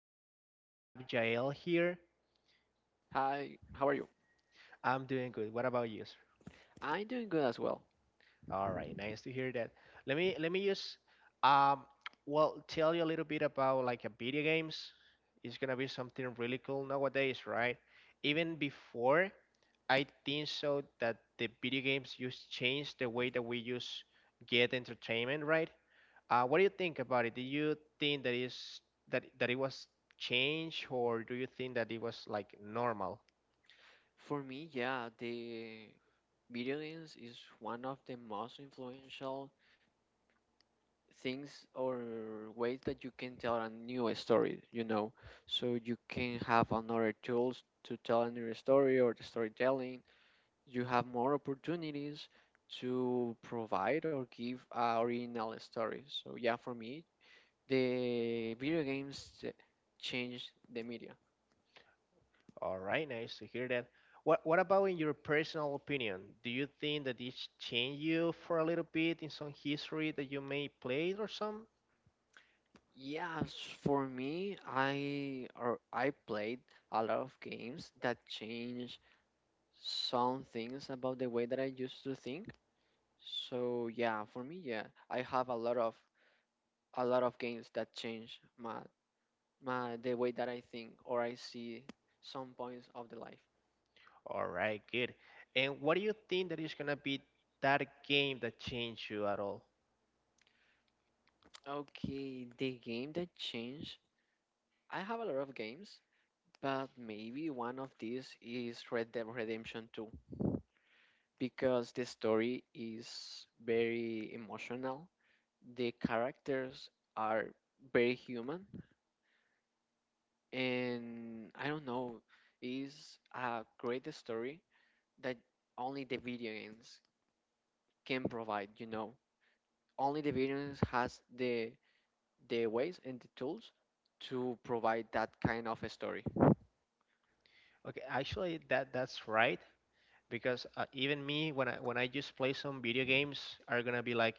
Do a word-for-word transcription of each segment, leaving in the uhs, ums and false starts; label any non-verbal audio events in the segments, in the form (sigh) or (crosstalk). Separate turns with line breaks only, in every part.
games. We have Jael here.
Hi, how are you?
I'm doing good. What about you, sir?
I'm doing good as well.
All right, nice to hear that. Let me let me just um well tell you a little bit about like a video games. It's gonna be something really cool nowadays, right? Even before, I think so that the video games just changed the way that we use get entertainment, right? Uh, what do you think about it? Do you think that is that that it was changed, or do you think that it was like normal?
For me, yeah, the video games is one of the most influential things or ways that you can tell a new story, you know. So you can have another tools to tell a new story or the storytelling. You have more opportunities to provide or give uh, original stories. So yeah, for me, the video games uh, change the media.
All right, nice to hear that. What what about in your personal opinion? Do you think that it changed you for a little bit in some history that you may play or some?
Yeah, s- for me, I or I played a lot of games that change some things about the way that I used to think. So yeah, for me, yeah, I have a lot of a lot of games that change my my the way that I think or I see some points of the life.
All right, good. And what do you think that is gonna be that game that changed you at all?
Okay, the game that changed. I have a lot of games, but maybe one of these is Red Dead Redemption two, because the story is very emotional. The characters are very human, and I don't know, is a great story that only the video games can provide. You know, only the video games has the the ways and the tools to provide that kind of a story.
Okay, actually that that's right, because uh, even me, when I when I just play some video games, are gonna be like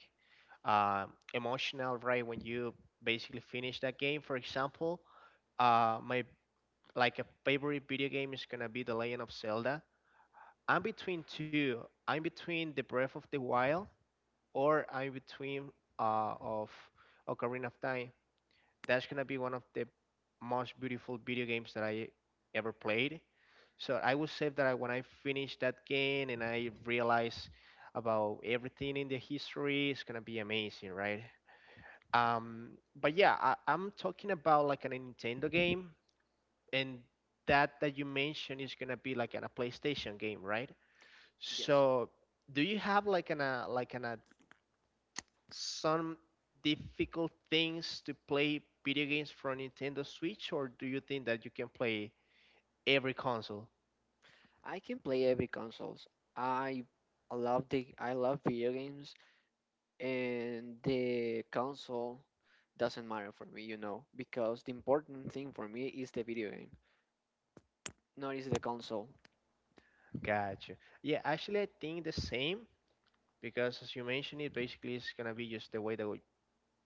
uh, emotional, right, when you basically finish that game. For example, uh, my like a favorite video game is gonna be The Legend of Zelda. I'm between two. I'm between The Breath of the Wild or I'm between uh, of Ocarina of Time. That's gonna be one of the most beautiful video games that I ever played. So I would say that I, when I finish that game and I realize about everything in the history, it's gonna be amazing, right? Um, but yeah, I, I'm talking about like a Nintendo game, and that that you mentioned is gonna be like an, a PlayStation game, right?
Yes,
So do you have like an a like an a some difficult things to play video games from Nintendo Switch, or do you think that you can play every console?
I can play every consoles. I love the I love video games and the console doesn't matter for me, you know, because the important thing for me is the video game, not is the console.
Gotcha. Yeah, actually, I think the same because, as you mentioned, it basically is gonna be just the way that we,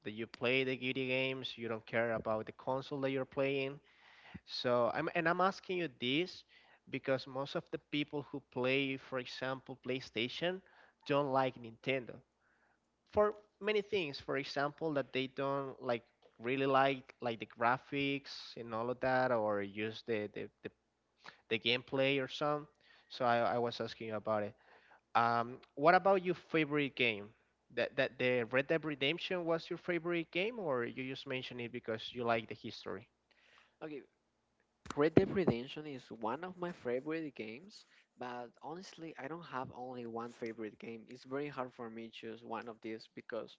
that you play the video games. You don't care about the console that you're playing. So I'm and I'm asking you this because most of the people who play, for example, PlayStation, don't like Nintendo for many things. For example, that they don't like really like like the graphics and all of that, or use the the, the, the, gameplay or some. So I, I was asking about it. Um, what about your favorite game? That that the Red Dead Redemption was your favorite game, or you just mentioned it because you like the history?
Okay, Red Dead Redemption is one of my favorite games, but honestly, I don't have only one favorite game. It's very hard for me to choose one of these because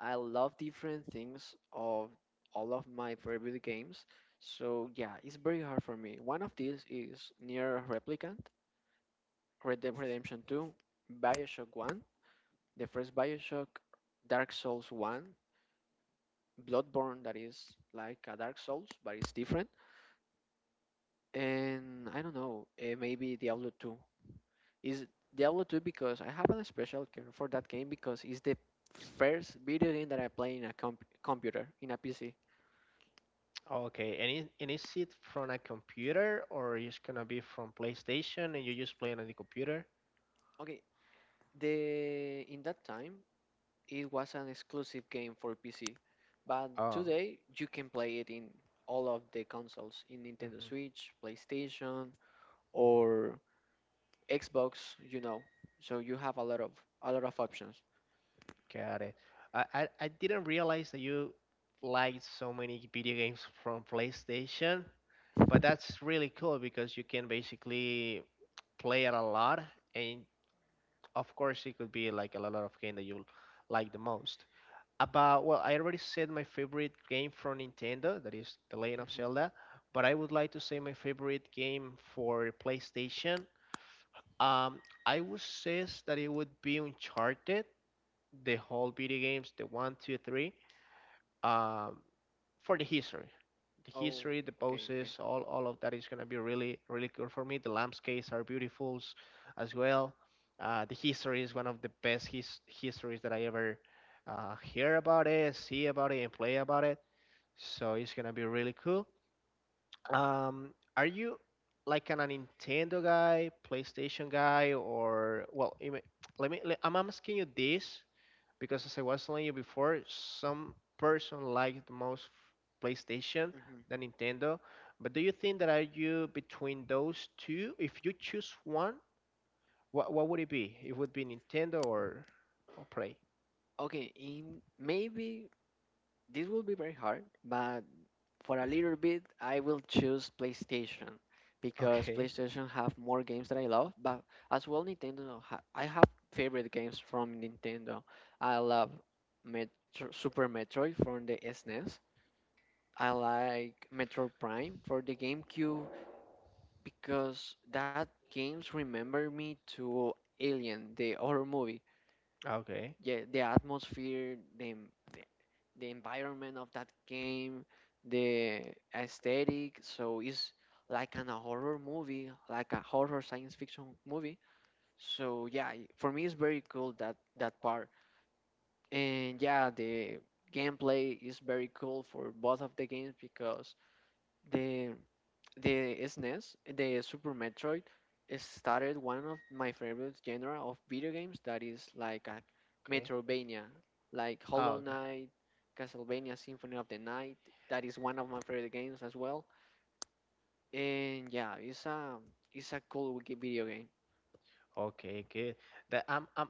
I love different things of all of my favorite games. So yeah, it's very hard for me. One of these is Near Replicant, Red Dead Redemption two, BioShock one, The first Bioshock, Dark Souls one, Bloodborne, that is like a Dark Souls, but it's different. And I don't know, eh, maybe Diablo two. Is Diablo two because I have a special care for that game because it's the first video game that I play in a comp- computer, in a P C.
Okay, and, it, and is it from a computer, or it's gonna be from PlayStation and you just play it on the computer?
Okay, the in that time it was an exclusive game for P C, but
Oh,
today you can play it in all of the consoles in Nintendo
hmm.
Switch, PlayStation, or Xbox, you know, so you have a lot of a lot of options.
Got it. I, I, I didn't realize that you liked so many video games from PlayStation, but that's really cool because you can basically play it a lot, and of course it could be like a lot of game that you like the most. About, well, I already said my favorite game from Nintendo, that is The Legend of
hmm
Zelda, but I would like to say my favorite game for PlayStation. Um, I would say that it would be Uncharted, the whole video games, the one, two, three, um, for the history. The
Oh,
history, the
okay, okay.
poses, all, all of that is going to be really, really cool for me. The landscapes are beautiful as well. Uh, the history is one of the best his- histories that I ever uh, hear about it, see about it, and play about it. So it's going to be really cool. Um, are you like an, a Nintendo guy, PlayStation guy, or, well, you may- let me, let, I'm asking you this because, as I was telling you before, some person like the most PlayStation
hmm
than Nintendo. But do you think that, are you between those two? If you choose one, what what would it be? It would be Nintendo or or Play?
Okay, in maybe this will be very hard, but for a little bit I will choose PlayStation because
Okay.
PlayStation have more games that I love, but as well Nintendo ha I have favorite games from Nintendo. I love Metro Super Metroid from the S N E S. I like Metro Prime for the GameCube because that games remember me to Alien, the horror movie.
Okay.
Yeah, the atmosphere, the en- the, the environment of that game, the aesthetic. So it's like an a horror movie, like a horror science fiction movie. So yeah, i- for me it's very cool that that part. And yeah, the gameplay is very cool for both of the games because the The S N E S, the Super Metroid, it started one of my favorite genre of video games that is like a
Okay.
Metroidvania, like
Ah,
Hollow
okay.
Knight, Castlevania Symphony of the Night. That is one of my favorite games as well. And yeah, it's a it's a cool g- video game.
Okay, good. That I'm I'm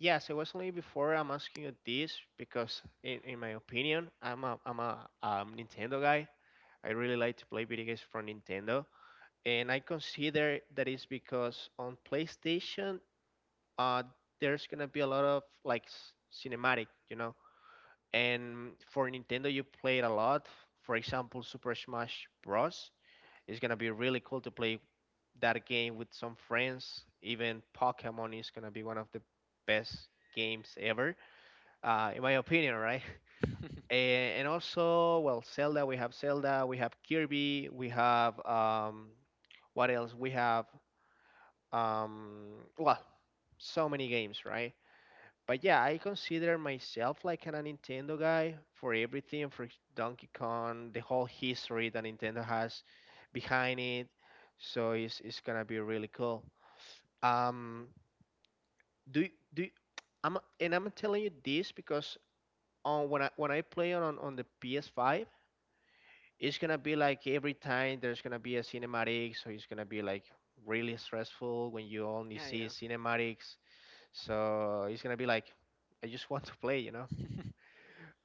Yes, I was telling you before, I'm asking you this because in in my opinion, I'm a I'm a um, Nintendo guy. I really like to play video games from Nintendo, and I consider that is because on PlayStation, uh, there's gonna be a lot of like s- cinematic, you know. And for Nintendo, you play it a lot. For example, Super Smash Bros. It's gonna be really cool to play that game with some friends. Even Pokemon is gonna be one of the best games ever, uh, in my opinion, right?
(laughs)
(laughs) A- And also, well, Zelda. We have Zelda. We have Kirby. We have um, what else? We have um well so many games, right? But yeah, I consider myself like a Nintendo guy for everything, for Donkey Kong, the whole history that Nintendo has behind it. So it's, it's gonna be really cool. Um do y- do y- i'm and I'm telling you this because on when i when i play on on the P S five, it's gonna be like every time there's gonna be a cinematic, so it's gonna be like really stressful when you only
Yeah,
see
yeah.
cinematics. So it's gonna be like, I just want to play, you know.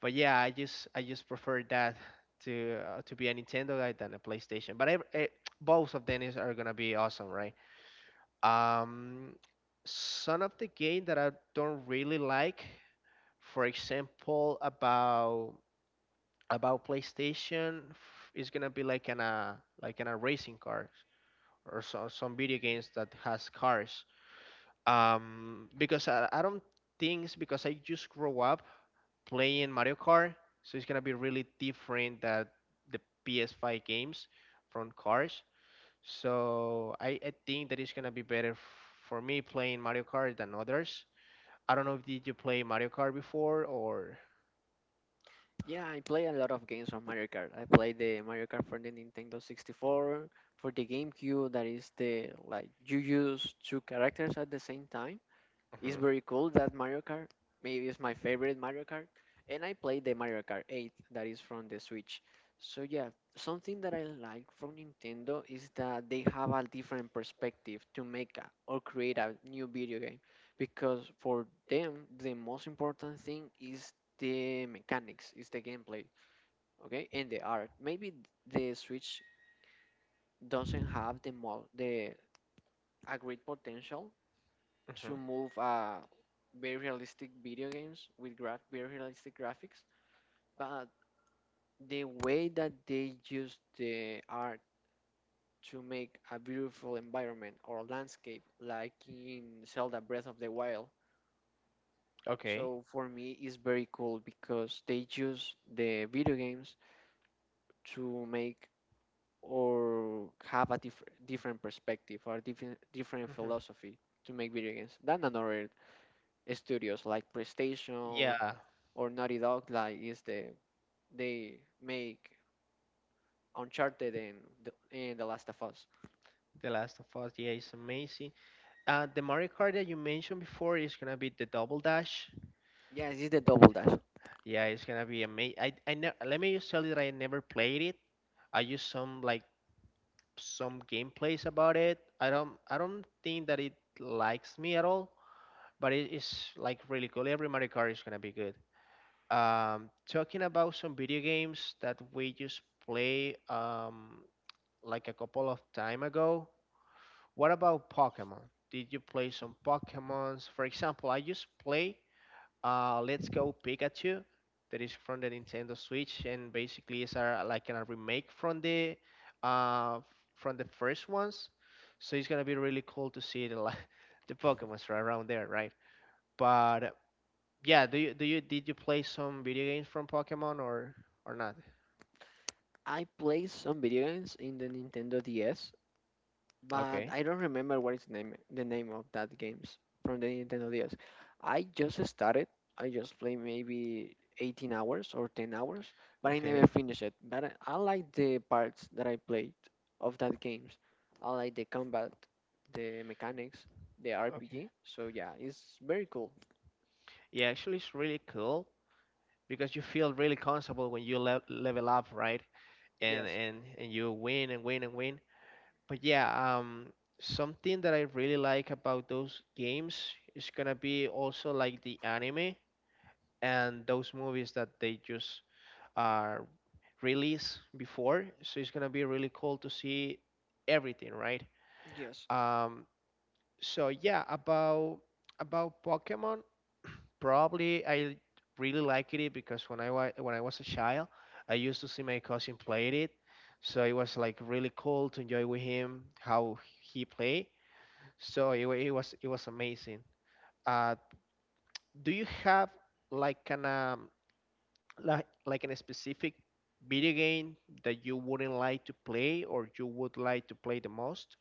But yeah, I just I just prefer that to uh, to be a Nintendo guy than a PlayStation. But ev- eh, both of them is, are gonna be awesome, right? Um, some of the game that I don't really like, for example, about about PlayStation, f- is gonna be like an uh like an a racing car or so, some video games that has cars. Um, because I, I don't things, because I just grow up playing Mario Kart, so it's gonna be really different that the P S five games from cars. So I, I think that it's gonna be better for me playing Mario Kart than others. I don't know if did you play Mario Kart before or.
Yeah, I play a lot of games from Mario Kart. I play the Mario Kart for the Nintendo sixty-four, for the GameCube, that is the like you use two characters at the same time. It's
Mhm.
very cool that Mario Kart. Maybe it's my favorite Mario Kart. And I played the Mario Kart eight that is from the Switch. So yeah, something that I like from Nintendo is that they have a different perspective to make a, or create a new video game because for them the most important thing is the mechanics, is the gameplay, okay, and the art. Maybe the Switch doesn't have the mo- the a great potential to
Hmm.
move uh, very realistic video games with graph very realistic graphics, but the way that they use the art to make a beautiful environment or landscape, like in Zelda Breath of the Wild.
Okay.
So for me, it's very cool because they use the video games to make or have a diff- different perspective or different different
Hmm.
philosophy to make video games than another studios like PlayStation
Yeah,
or Naughty Dog, like is the they make Uncharted and the, and The Last of Us.
The Last of Us, yeah, it's amazing. Uh, the Mario Kart that you mentioned before is gonna be the Double Dash.
Yes, this is the Double Dash.
Yeah, it's gonna be amazing. I, I ne- let me just tell you that I never played it. I used some like some gameplays about it. I don't I don't think that it likes me at all, but it is like really cool. Every Mario Kart is gonna be good. Um, talking about some video games that we just play um, like a couple of time ago. What about Pokemon? Did you play some Pokemons? For example, I just play uh, Let's Go Pikachu, that is from the Nintendo Switch and basically is a like a remake from the uh, from the first ones. So it's gonna be really cool to see the li- (laughs) the Pokemon's are around there, right? But yeah, do you do you did you play some video games from Pokemon or or not?
I play some video games in the Nintendo D S but
Okay,
I don't remember what is the name the name of that games from the Nintendo D S. I just started. I just play maybe eighteen hours or ten hours, but I
okay,
never finished it. But I I like the parts that I played of that games. I like the combat, the mechanics, the R P G.
okay.
So yeah, it's very cool.
Yeah, actually, it's really cool because you feel really comfortable when you le level up, right? And and and you win and win and win. But yeah, um, something that I really like about those games is gonna be also like the anime and those movies that they just uh, release before. So it's gonna be really cool to see everything, right?
Yes.
Um, so yeah, about about Pokemon, probably I really liked it because when I wa- when I was a child, I used to see my cousin played it. So it was like really cool to enjoy with him how he play. So it, wa- it was it was amazing. Uh, do you have like an um, like like an specific video game that you wouldn't like to play, or you would like to play the most?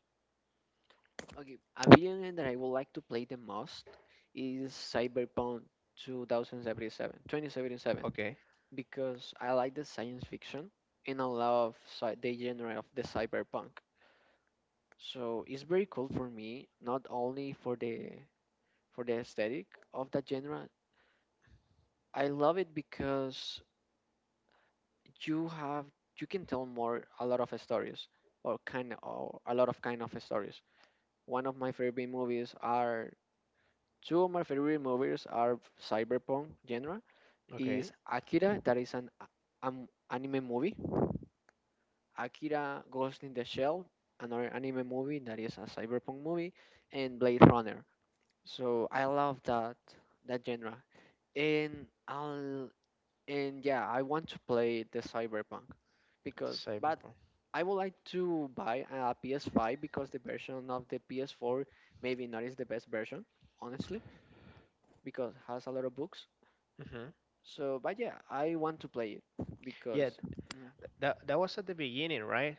Okay. A video game that I would like to play the most is Cyberpunk twenty seventy-seven. twenty seventy-seven,
Okay,
because I like the science fiction and I love sci- the genre of the cyberpunk. So it's very cool for me, not only for the for the aesthetic of that genre. I love it because you have you can tell more a lot of stories or kind or a lot of kind of stories. One of my favorite movies are Two of my favorite movies are cyberpunk genre is
okay,
Akira that is an a- um, anime movie Akira Ghost in the Shell, another anime movie that is a cyberpunk movie, and Blade Runner. So I love that that genre. And I'll and yeah, I want to play the cyberpunk because but
Cyberpunk.
I would like to buy a P S five because the version of the P S four maybe not is the best version, honestly, because it has a lot of books.
Hmm.
So but yeah, I want to play it
Yeah,
because mm,
th- that that was at the beginning, right?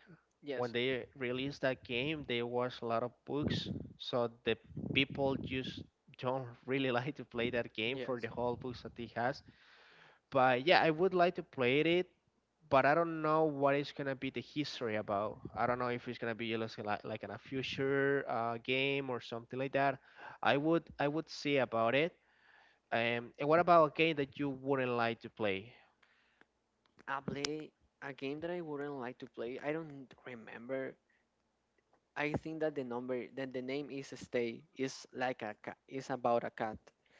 When
yes,
they released that game, there was a lot of bugs, so the people just don't (laughs) really like to play that game for
Yes.
the whole bugs that it has. But yeah, I would like to play it, but I don't know what it's gonna be the history about. I don't know if it's gonna be just like like in a future uh, game or something like that. I would I would see about it. Um, and what about a game that you wouldn't like to play?
I play a game that I wouldn't like to play. I don't remember. I think that the number that the name is Stay is like a cat is about a cat.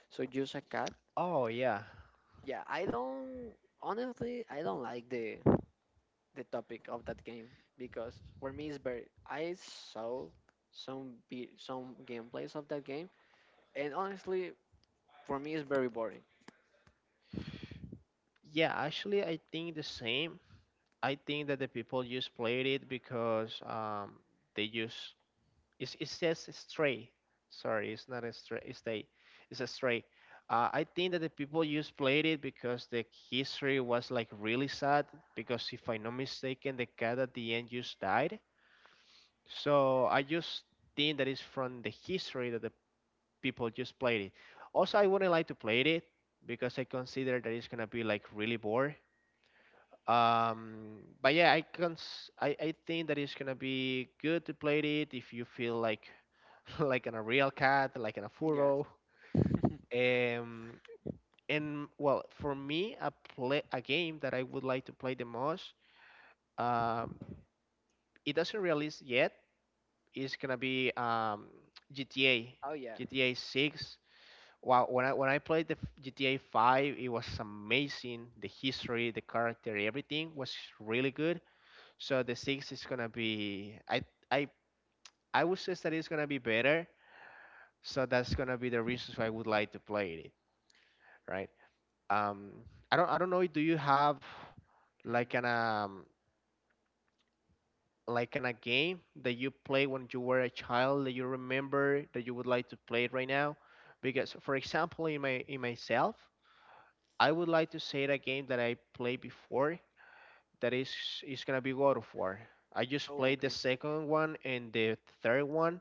So just a cat.
Oh yeah,
Yeah, I don't honestly I don't like the the topic of that game because for me it's very I saw some be some gameplays of that game and honestly for me it's very boring.
yeah. Actually, I think the same. I think that the people just played it because um, they just it's, it says Stray. Sorry, it's not a Stray. It's Stay. It's a Stray. Uh, I think that the people just played it because the history was like really sad. Because if I'm not mistaken, the cat at the end just died. So I just think that it's from the history that the people just played it. Also, I wouldn't like to play it because I consider that it's gonna be like really bored. Um, but yeah, I can I, I think that it's gonna be good to play it if you feel like (laughs) like in a real cat, like in a
Yes.
furrow.
(laughs)
Um, and well, for me, a play a game that I would like to play the most. Um, it doesn't release yet. It's gonna be um G T A,
Oh yeah.
G T A six. Wow, when I when I played the f- G T A five, it was amazing. The history, the character, everything was really good. So the six is gonna be I I I would say that it's gonna be better. So that's gonna be the reasons why I would like to play it, right? Um, I don't I don't know. Do you have like an
Hmm.
um like an a game that you play when you were a child that you remember that you would like to play it right now? Because for example, in my in myself, I would like to say a game that I played before that is is gonna be God of War. I just
Oh
played the
okay.
second one and the third one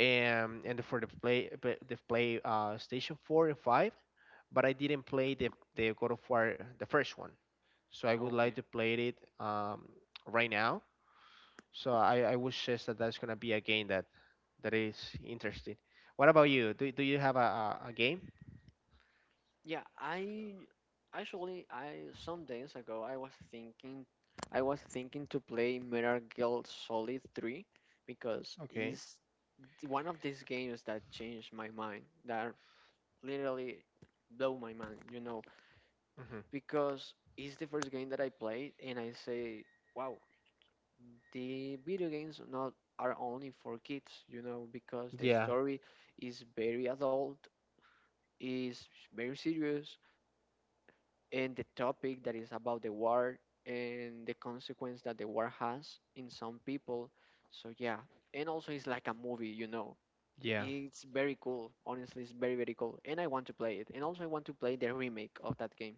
and and for the play pa- the play uh, station four and five, but I didn't play the the God of War the first one, so I would
Oh,
like
okay.
to play it um, right now. So I I would suggest that that's gonna be a game that that is interesting. What about you? Do do you have a a, a game?
Yeah, I actually I some days ago I was thinking I was thinking to play Metal Gear Solid three because
Okay.
it's one of these games that changed my mind that literally blew my mind, you know,
hmm
because it's the first game that I played and I say, wow, the video games not are only for kids, you know, because the
Yeah.
story is very adult, is very serious, and the topic that is about the war and the consequence that the war has in some people. So yeah, and also it's like a movie, you know.
Yeah.
It's very cool. Honestly, it's very very cool, and I want to play it. And also I want to play the remake of that game.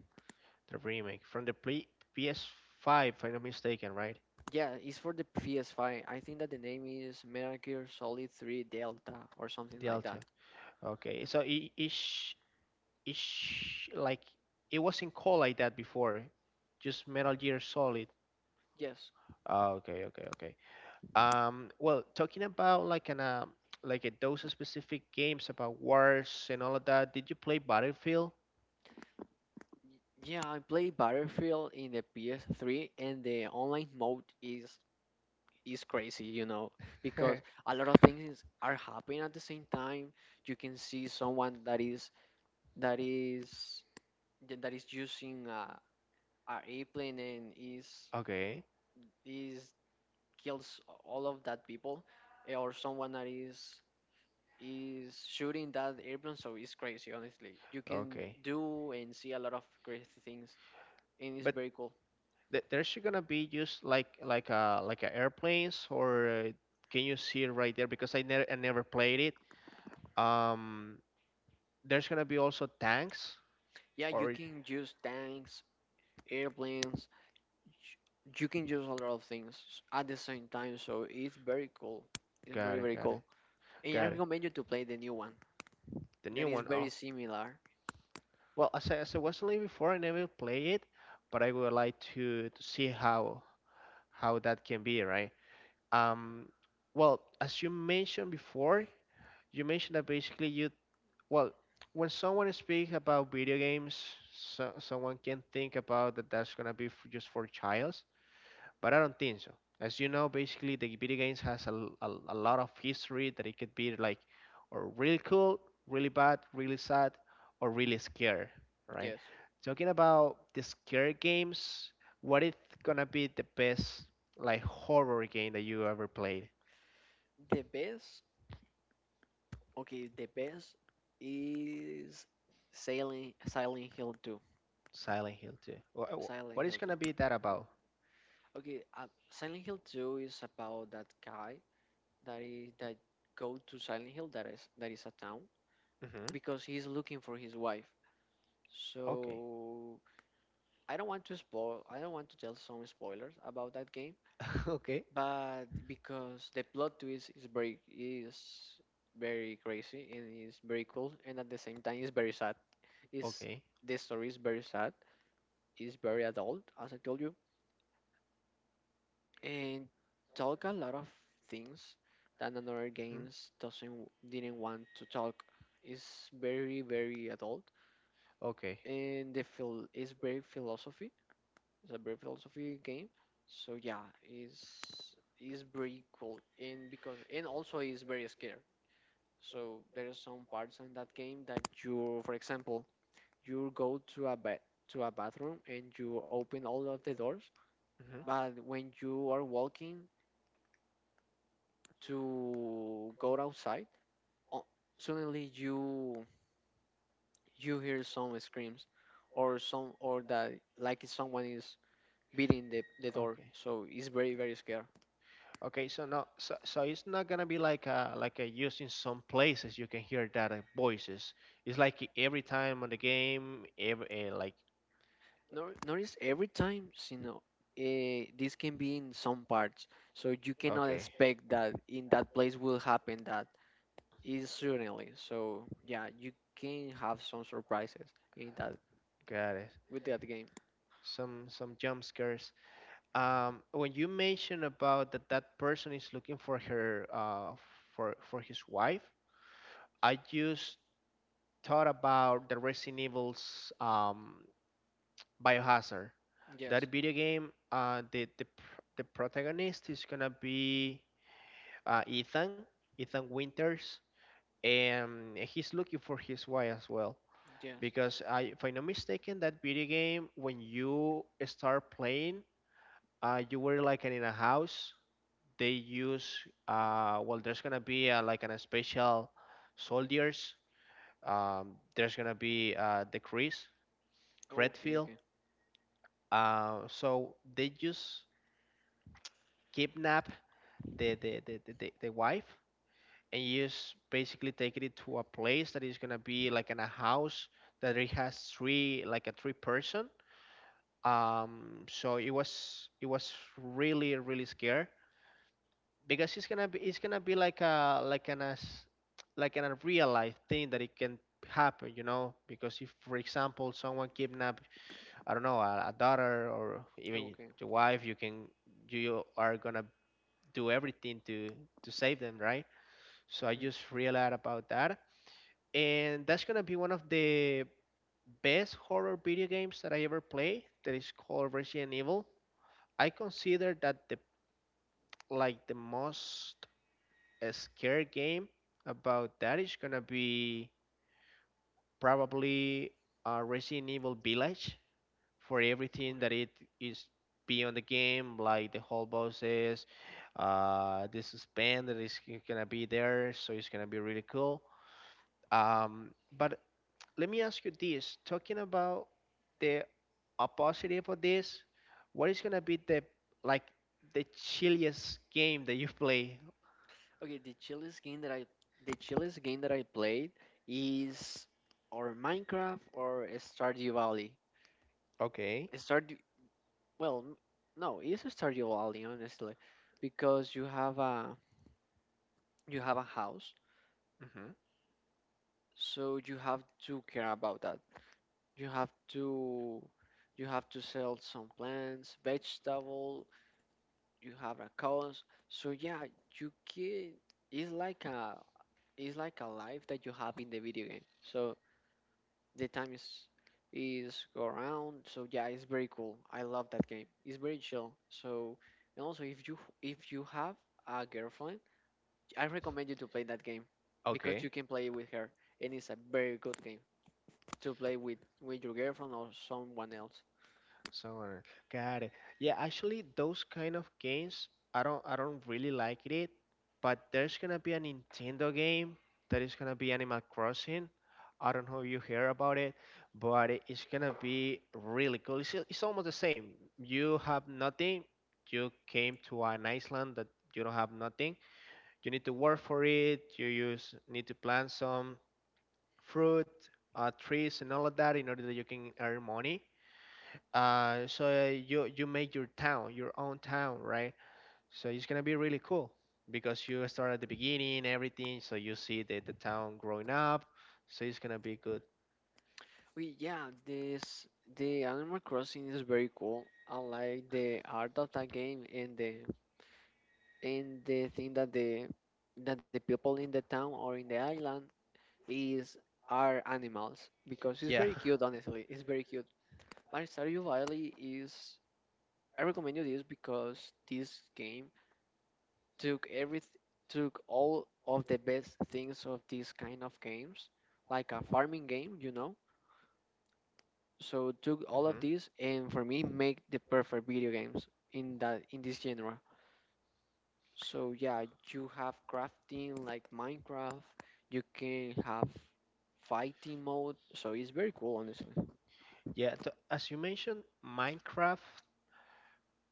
The remake from the pre P S five, if I'm not mistaken, right?
Yeah, it's for the P S five. I think that the name is Metal Gear Solid three Delta or something like
Delta.
that.
Okay. So e- each ish like it wasn't called like that before, just Metal Gear Solid.
Yes.
Ah, okay okay okay um well, talking about like an um like a, those specific games about wars and all of that, did you play Battlefield?
Y- Yeah, I play Battlefield in the P S three and the online mode is is crazy, you know, because a lot of things are happening at the same time. You can see someone that is that is that is using a, a airplane and is
(laughs) Okay,
is kills all of that people, eh, or someone that is is shooting that airplane. So it's crazy, honestly. You can
okay,
do and see a lot of crazy things, and it's
but
very cool.
th- there's gonna be just like like a like a airplanes or uh, can you see it right there? Because i never i never played it. Um, there's gonna be also tanks
Yeah, you
or...
can use tanks, airplanes, you can use a lot of things at the same time, so it's very cool. It's very
Got it,
very
got it,
cool, and I
got it.
recommend you to play the new one.
The
That
new
is
one.
very
Oh,
similar.
well, as I, as I was telling you before, I never play it, but I would like to, to see how how that can be, right? Um, well, as you mentioned before, you mentioned that basically you... well, when someone speaks about video games, so, someone can think about that that's gonna be f just for child, but I don't think so. As you know, basically the video games has a a a lot of history that it could be like or really cool, really bad, really sad, or really scary, right?
Yes,
Talking about the scary games, what is gonna be the best like horror game that you ever played?
the best. Okay, the best is Silent Silent Hill two.
Silent Hill two. Wha- wha-
Silent
What is
Hill two.
gonna be that about?
Okay, uh, Silent Hill two is about that guy that is that go to Silent Hill that is that is a town
Hmm.
because he's looking for his wife. So
Okay.
I don't want to spoil. I don't want to tell some spoilers about that game,
(laughs) Okay.
but because the plot twist is very is very crazy and is very cool, and at the same time is very sad. Is
Okay.
the story is very sad. It's very adult, as I told you, and talk a lot of things that another
Hmm.
games doesn't didn't want to talk. Is very very adult,
Okay.
and the feel is very philosophy It's a brave philosophy game. So yeah, is is very cool and because and also is very scary. So there are some parts in that game that you, for example, you go to a ba to a bathroom and you open all of the doors,
Hmm.
but when you are walking to go outside, o- suddenly you you hear some screams or some or that like someone is beating the, the door.
Okay.
So it's very very scary.
Okay, so no, so, so it's not gonna be like uh like uh using some places you can hear that uh, voices. It's like e- every time on the game, every uh, like
Nor- Notice every time, you know, eh, this can be in some parts, so you cannot
okay,
expect that in that place will happen that is suddenly. So yeah, you can have some surprises in that
got it.
with that game.
Some some jump scares. Um, when you mention about that that person is looking for her uh for for his wife, I just thought about the Resident Evil's um Biohazard.
Yes,
That video game, uh, the the pr- the protagonist is gonna be uh, Ethan, Ethan Winters, and he's looking for his wife as well.
yes.
Because I, if I'm not mistaken, that video game when you start playing, uh, you were like in a house. They use uh, well, there's gonna be uh, like an special soldiers. Um, there's gonna be uh, the Chris
Okay,
Redfield.
okay,
Uh, so they just kidnap the the, the, the, the the wife and you just basically taking it to a place that is gonna be like in a house that it has three like a three person. Um, so it was it was really really scary because it's gonna be it's gonna be like a like an as like an real life thing that it can happen, you know. Because if for example someone kidnap I don't know a, a daughter or even
okay.
the wife, you can you are gonna do everything to to save them, right? So I just
hmm
realized about that and that's gonna be one of the best horror video games that I ever played. That is called Resident Evil. I consider that the like the most uh, scary game about that is gonna be probably uh, Resident Evil Village for everything that
Okay.
it is beyond the game, like the whole bosses, uh, the suspense that is gonna be there. So it's gonna be really cool. Um, but let me ask you this, talking about the opposite, for this what is gonna be the like the chilliest game that you've played?
Okay. The chillest game that I the chillest game that I played is or Minecraft or Stardew Valley.
Okay.
Stardew Well, m- no, it's Stardew Valley, honestly, because you have a you have a house,
Hmm.
so you have to care about that. You have to you have to sell some plants, vegetable. You have a cows, so yeah, you can. It's like a it's like a life that you have in the video game. So the time is is go around. So yeah, it's very cool. I love that game. It's very chill. So and also if you if you have a girlfriend, I recommend you to play that game because you
Okay.
can play it with her, and it's a very good game to play with with your girlfriend or someone else.
So, got it. Yeah, actually, those kind of games, I don't, I don't really like it. But there's gonna be a Nintendo game that is gonna be Animal Crossing. I don't know if you hear about it, but it- it's gonna be really cool. It's, it's almost the same. You have nothing. You came to an island that you don't have nothing. You need to work for it. You use need to plant some fruit, uh, trees, and all of that in order that you can earn money uh, so uh, you you make your town, your own town, right? So it's gonna be really cool because you start at the beginning, everything. So you see the the town growing up. So it's gonna be good.
We yeah, this the Animal Crossing is very cool. I like the art of that game and the and the thing that the that the people in the town or in the island is are animals because it's
Yeah.
very cute. Honestly, it's very cute. But Stardew Valley is, I recommend you this because this game took every took all of the best things of these kind of games, like a farming game, you know. So took
(laughs)
all of
Hmm.
these and for me make the perfect video games in that in this genre. So yeah, you have crafting like Minecraft. You can have fighting mode. So it's very cool, honestly.
Yeah. t As you mentioned, Minecraft.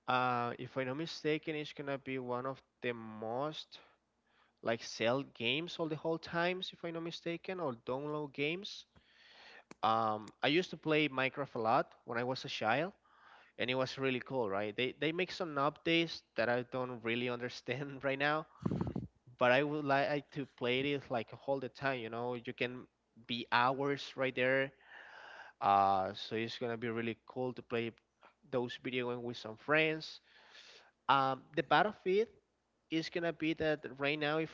Uh, if I'm not mistaken, it's gonna be one of the most like sell games all the whole times, if I'm not mistaken, or download games. Um, I used to play Minecraft a lot when I was a child and it was really cool, right? They they make some updates that I don't really understand (laughs) right now, but I would like to play this like all the time. You know, you can be hours right there. Uh, so it's gonna be really cool to play those video games with some friends. Um, the Battlefield is gonna be that right now. If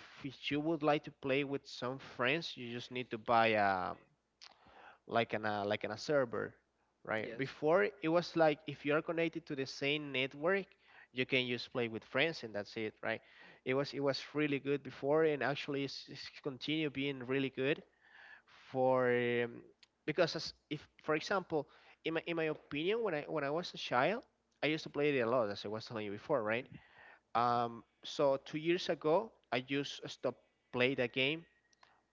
you would like to play with some friends, you just need to buy a like an a like an a server, right?
Yes.
Before it was like if you are connected to the same network, you can just play with friends and that's it, right? It was it was really good before and actually it's, it's continue being really good for um, because as if for example in my in my opinion when I when I was a child I used to play it a lot as I was telling you before, right? Um, so two years ago I just stopped play that game,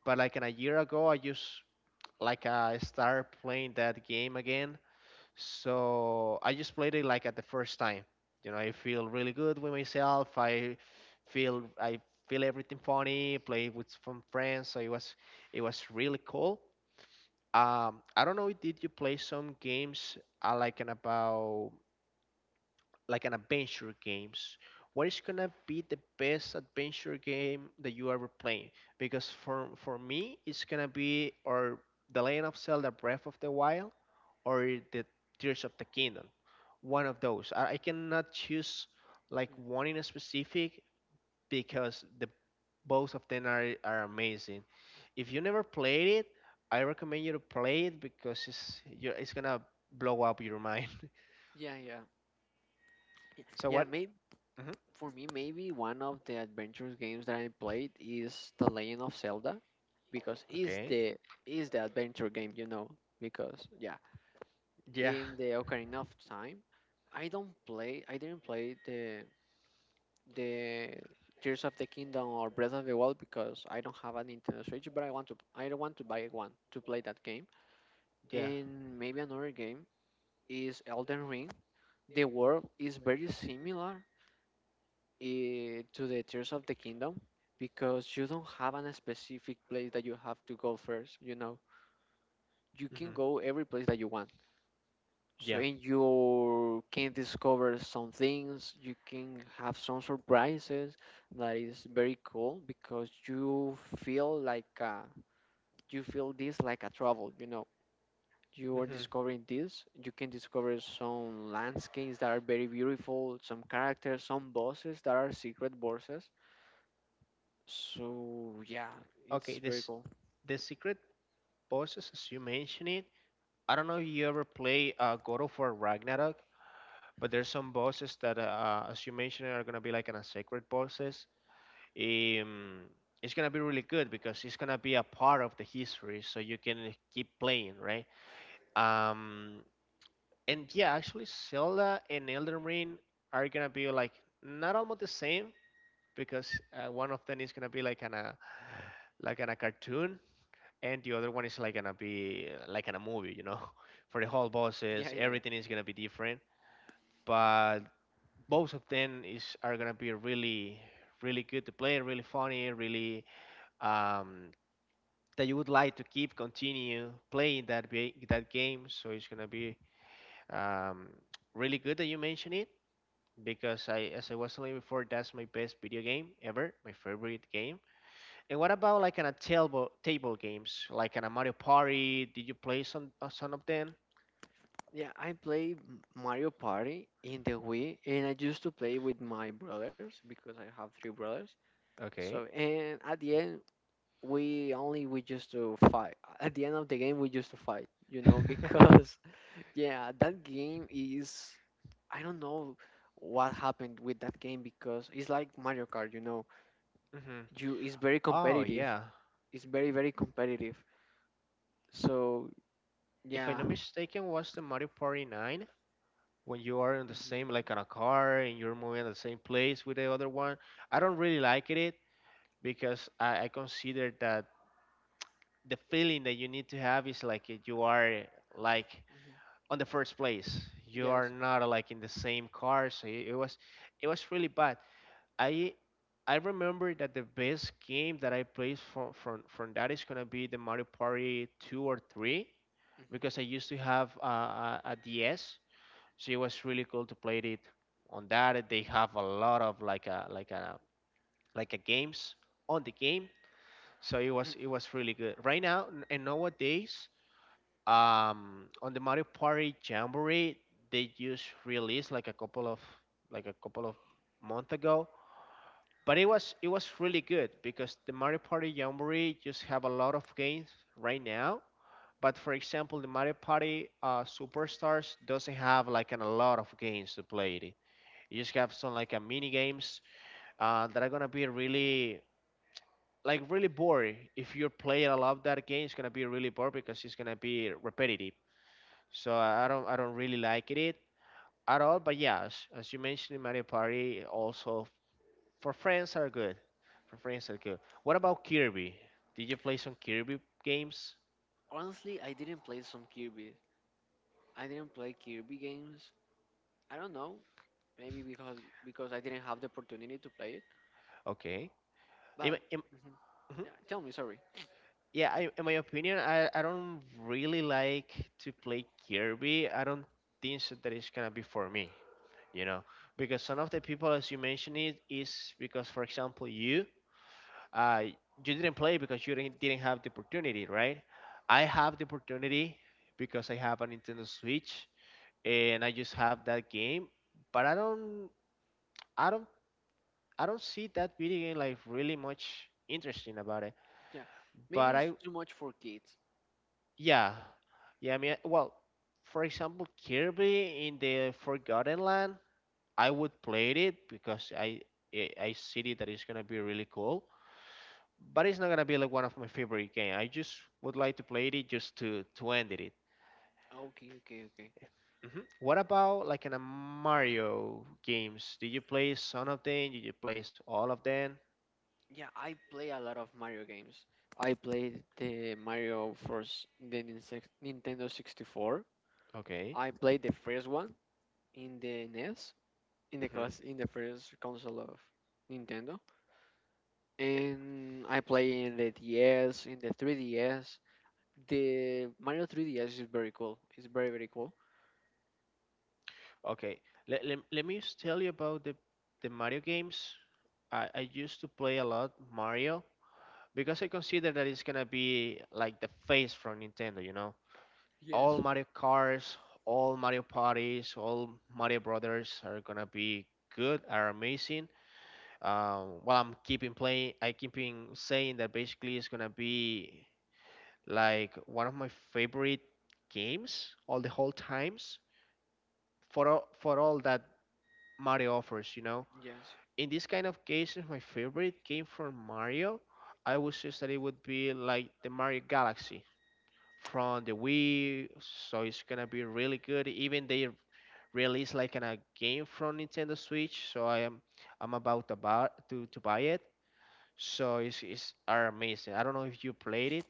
but like in a year ago I just like I start playing that game again. So I just played it like at the first time. You know, I feel really good with myself. I feel I feel everything funny. Play with some friends. So it was it was really cool. Um, I don't know. Did you play some games uh, like an about like an adventure games? What is gonna be the best adventure game that you ever played? Because for for me, it's gonna be or the Legend of Zelda Breath of the Wild or the Tears of the Kingdom. One of those. I, I cannot choose like one in a specific because the both of them are, are amazing. If you never played it, I recommend you to play it because it's you're, it's gonna blow up your mind.
Yeah, yeah,
(laughs) So
yeah.
what?
Maybe
Hmm.
For me, maybe one of the adventures games that I played is The Legend of Zelda, because it's
Okay.
the is the adventure game, you know. Because yeah,
Yeah.
in the Ocarina of Time, I don't play. I didn't play the the Tears of the Kingdom or Breath of the Wild because I don't have a Nintendo Switch, but I want to. I don't want to buy one to play that game.
Yeah.
And maybe another game is Elden Ring. The world is very similar eh, to the Tears of the Kingdom because you don't have an- a specific place that you have to go first, you know. You can
Hmm.
go every place that you want. So,
Yeah.
and you can discover some things, you can have some surprises that is very cool because you feel like uh, you feel this like a travel, you know. You are
Hmm.
discovering this, you can discover some landscapes that are very beautiful, some characters, some bosses that are secret bosses. So yeah, it's
Okay.
very
This
cool.
the secret bosses as you mentioned it. I don't know if you ever play uh, God of War Ragnarok. But there's some bosses that, uh, as you mentioned, are gonna be like an a sacred bosses. Um, it's gonna be really good because it's gonna be a part of the history, so you can keep playing, right? Um, and yeah, actually, Zelda and Elden Ring are gonna be like not almost the same because uh, one of them is gonna be like an a like in a cartoon, and the other one is like gonna be uh, like in a movie, you know. (laughs) For the whole bosses,
Yeah, yeah, yeah.
everything is gonna be different, but both of them is are gonna be really, really good to play, really funny, really um that you would like to keep continue playing that ba- that game. So it's gonna be um really good that you mention it because I as I was telling you before, that's my best video game ever, my favorite game. And what about like an a table table games like an a Mario Party? Did you play some uh, some of them?
Yeah, I play M- Mario Party in the Wii, and I used to play with my brothers because I have three brothers.
Okay.
So and at the end, we only we used to fight. At the end of the game, we used to fight. You know,
(laughs)
because (laughs) yeah, that game is, I don't know what happened with that game because it's like Mario Kart. You know,
hmm
you it's very
oh
competitive.
yeah,
It's very very competitive. So
if I'm
yeah.
not mistaken, was the Mario Party nine when you are in the same,
Mhm.
like on a car and you're moving at the same place with the other one. I don't really like it because I, I consider that the feeling that you need to have is like if you are like
Mhm.
on the first place. You are
Yes.
not like in the same car, so it, it was it was really bad. I I remember that the best game that I played from from from that is gonna be the Mario Party two or three because I
hmm
used to have a, a D S, so it was really cool to play it on that. They have a lot of like a like a like a games on the game, so it was it was really good right now n- and nowadays um on the Mario Party Jamboree. They just released like a couple of like a couple of month ago, but it was it was really good because the Mario Party Jamboree just have a lot of games right now. But for example, the Mario Party uh, Superstars doesn't have like an, a lot of games to play it. You just have some like a mini games uh, that are gonna be really like really boring. If you're playing a lot of that game, it's gonna be really boring because it's gonna be repetitive. So I don't I don't really like it at all. But yeah, as, as you mentioned, Mario Party also for friends are good. For friends are good. What about Kirby? Did you play some Kirby games?
Honestly, I didn't play some Kirby. I didn't play Kirby games. I don't know. Maybe because because I didn't have the opportunity to play it.
Okay. In, my-
But
in,
mhm.
mhm.
Yeah, tell me. Sorry.
Yeah, I, in my opinion, I, I don't really like to play Kirby. I don't think so that it's gonna be for me, you know, because some of the people, as you mentioned it, is because for example you uh, you didn't play because you didn't, didn't have the opportunity, right? I have the opportunity because I have a Nintendo Switch and I just have that game, but i don't i don't I don't see that video game like really much interesting about it.
Yeah,
But
maybe
I
it's too much for kids.
yeah yeah, I mean, well, for example, Kirby in the Forgotten Land, I would play it because I I I see it that it's gonna be really cool, but it's not gonna be like one of my favorite game. I just would like to play it just to to end it.
Okay, okay, okay.
hmm What about like in a Mario games? Did you play some of them? Did you play s- all of them?
Yeah, I play a lot of Mario games. I played the Mario for s- the Ninse- Nintendo sixty-four.
Okay,
I played the first one in the N E S in the
hmm
class in the first console of Nintendo. And I play in the D S, in the three D S. The Mario three D S is very cool. It's very very cool.
okay. Let, let, let me just tell you about the the Mario games. I, I used to play a lot Mario because I consider that it's gonna be like the face from Nintendo, you know. All
Yes,
Mario Cars, all Mario Parties, all Mario Brothers are gonna be good, are amazing. Um, well, I'm keeping playing. I keeping saying that basically it's gonna be like one of my favorite games all the whole times for all, for all that Mario offers. You know,
yes,
in this kind of cases, my favorite game from Mario, I would say that it would be like the Mario Galaxy from the Wii, so it's gonna be really good. Even they released like in a game from Nintendo Switch, so I am I'm about to buy to, to buy it. So it's, it's are amazing. I don't know if you played it.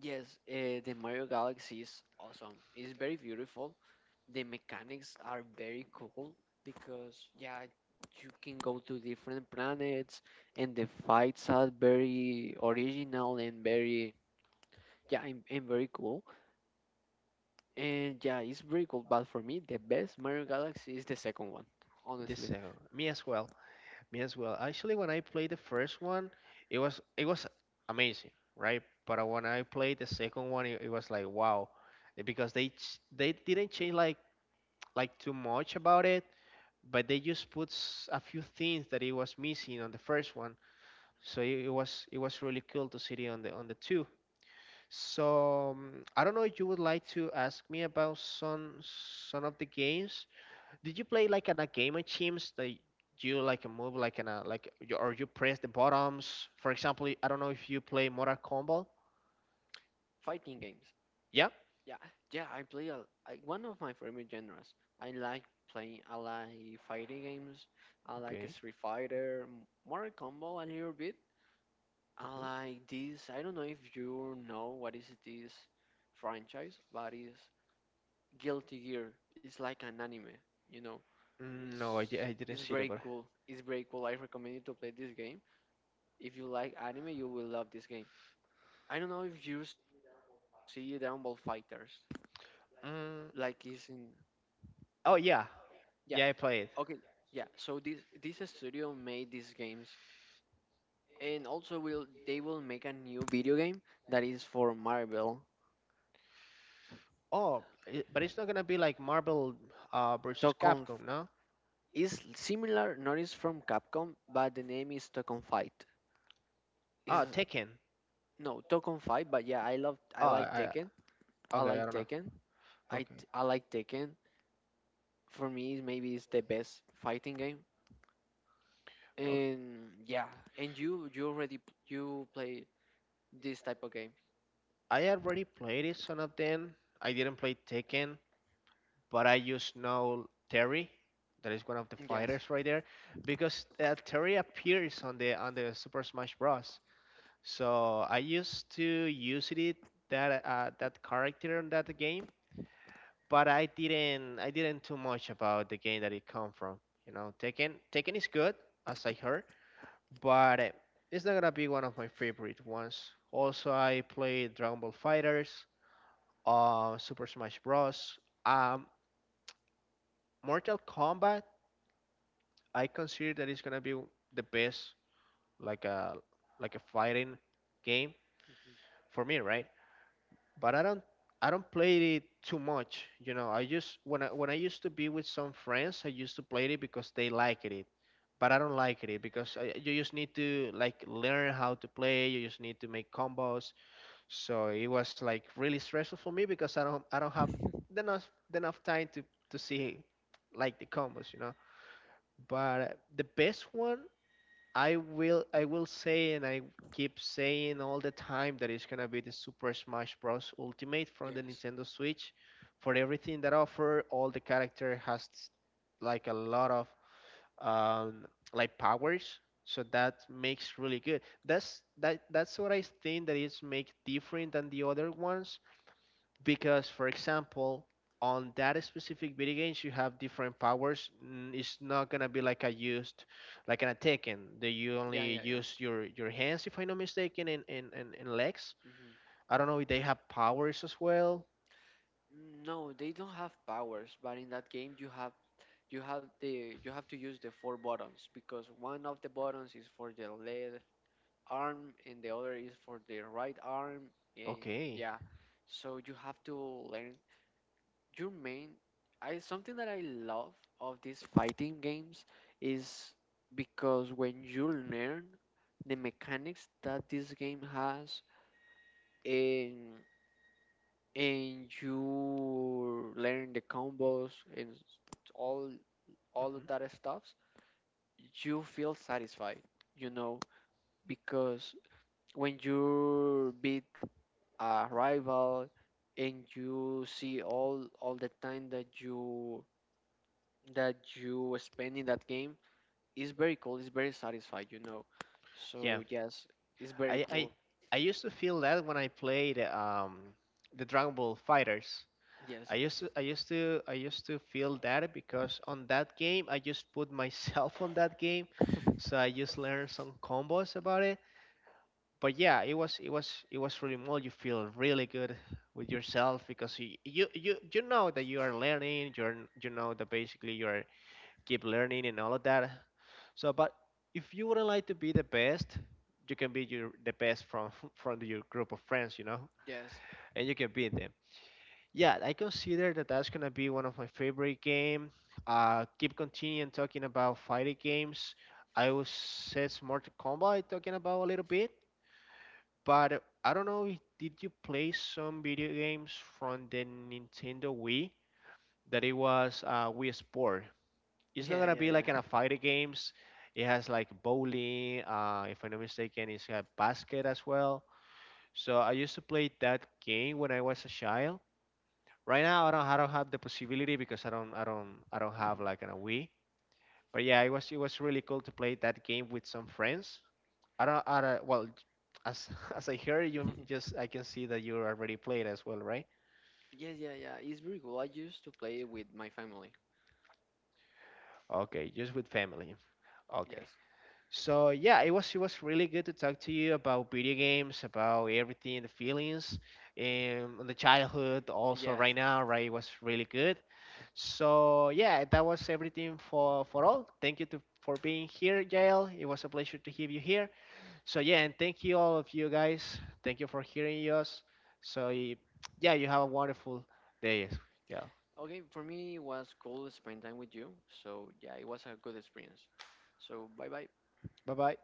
yes. Uh, the Mario Galaxy is awesome. It's very beautiful. The mechanics are very cool because yeah, you can go to different planets, and the fights are very original and very, yeah, and, and very cool. And yeah, it's very cool. But for me, the best Mario Galaxy is the second one,
This
honestly.
uh, me as well, me as well. Actually, when I played the first one, it was it was amazing, right? But uh, when I played the second one, it, it was like wow, because they ch- they didn't change like like too much about it, but they just put s- a few things that it was missing on the first one. So it, it was it was really cool to see it on the on the two. So um, I don't know if you would like to ask me about some some of the games. Did you play like in a game of teams that you like move like in a like you- or you press the buttons? For example, I don't know if you play Mortal Kombat.
Fighting games.
Yeah.
Yeah, yeah, I play a, I, one of my favorite genres. I like playing, I like fighting games. I like
Okay.
Street Fighter, M- Mortal Kombat a little bit. I
hmm
like this. I don't know if you know what is this franchise, but it's Guilty Gear. It's like an anime, you know.
Mm, no, I, di-
It's
I didn't
it's
see that,
very
but
cool. It's very cool. I recommend you to play this game. If you like anime, you will love this game. I don't know if you see Dragon Ball Fighters, like it's
mm,
in.
oh yeah,
Yeah.
yeah, I
Okay.
played.
Yeah. So this this studio made these games, and also will they will make a new video game that is for Marvel.
Oh, I but it's not gonna be like Marvel uh, versus
Tokon F-
Capcom, no?
is similar, not is from Capcom, but the name is Tokon Fight. Is
Ah, Tekken.
no Tokon Fight, but yeah, I love I
Oh,
like
I,
Tekken. I
okay, I
like
don't know.
Tekken. I
Okay.
t- I like Tekken. For me, maybe it's the best fighting game. And yeah, and you you already p- you play this type of game.
I already played it, some of them. I didn't play Tekken, but I just know Terry. That is one of the
Yes.
fighters right there, because uh, Terry appears on the on the Super Smash Bros. So I used to use it that uh, that character in that game, but I didn't I didn't too much about the game that it come from. You know, Tekken Tekken is good as I heard, but uh, it's not gonna be one of my favorite ones. Also, I played Dragon Ball Fighters uh, Super Smash Bros. Um, Mortal Kombat, I consider that it's gonna be the best, like a like a fighting game
Mhm.
for me, right? But I don't I don't play it too much, you know. I just when I when I used to be with some friends, I used to play it because they liked it, but I don't like it because I, you just need to like learn how to play. You just need to make combos. So it was like really stressful for me because I don't I don't have enough enough time to to see like the combos, you know. But the best one I will I will say and I keep saying all the time that it's gonna be the Super Smash Bros. Ultimate from the
Yes.
Nintendo Switch for everything that offer. All the character has like a lot of um, like powers, so that makes really good. That's that that's what I think that is make different than the other ones because for example on that specific video games you have different powers mm, it's not gonna be like a used like an attacking that you
Yeah,
only
yeah, yeah.
use your your hands if I'm not mistaken and, and, and, and legs.
hmm
I don't know if they have powers as well.
No, they don't have powers, but in that game you have you have the you have to use the four buttons because one of the buttons is for the left arm and the other is for the right arm and
Okay.
yeah. So you have to learn your main. I something that I love of these fighting games is because when you learn the mechanics that this game has, and. and you learn the combos and s- all all of
hmm
that stuffs, you feel satisfied, you know, because when you beat a rival and you see all all the time that you that you spend in that game, it's very cool, it's very satisfied, you know.
yeah,
So yes, it's very
I, I
cool.
I used to feel that when I played um the Dragon Ball Fighters.
Yes,
I used to, I used to, I used to feel that because on that game I just put myself (laughs) on that game, so I just learned some combos about it. But yeah, it was, it was, it was really more. You feel really good with yourself because you, you, you, you know that you are learning. You're, you know that basically you are keep learning and all of that. So, but if you wouldn't like to be the best, you can be your the best from (laughs) from your group of friends, you know,
yes,
and you can beat them. Yeah, I consider that that's gonna be one of my favorite game. Uh, keep continuing talking about fighting games. I was says Mortal Kombat talking about a little bit, but I don't know. if- Did you play some video games from the Nintendo Wii? That it was uh, Wii Sport.
(laughs)
It's not
yeah,
gonna
yeah,
be
yeah.
like in a fighting games. It has like bowling. Uh, if I'm not mistaken, it's got basket as well. So I used to play that game when I was a child. Right now, I don't I don't have the possibility because I don't I don't I don't have
Mm-hmm.
like an a Wii. But yeah, it was it was really cool to play that game with some friends. I don't I don't, well, as (laughs) as I heard, you
(laughs)
just I can see that you already played as well, right?
Yes, yeah, yeah. It's very cool. I used to play it with my family.
Okay, just with family. Okay.
Yes.
So yeah, it was it was really good to talk to you about video games, about everything, the feelings, and the childhood also
Yes.
right now, right? It was really good. So yeah, that was everything for for all. Thank you to, for being here, Jael. It was a pleasure to have you here. So yeah, and thank you all of you guys. Thank you for hearing us. So y- yeah, you have a wonderful day, Jael.
Okay, for me it was cool spending time with you. So yeah, it was a good experience. So bye bye.
Bye bye.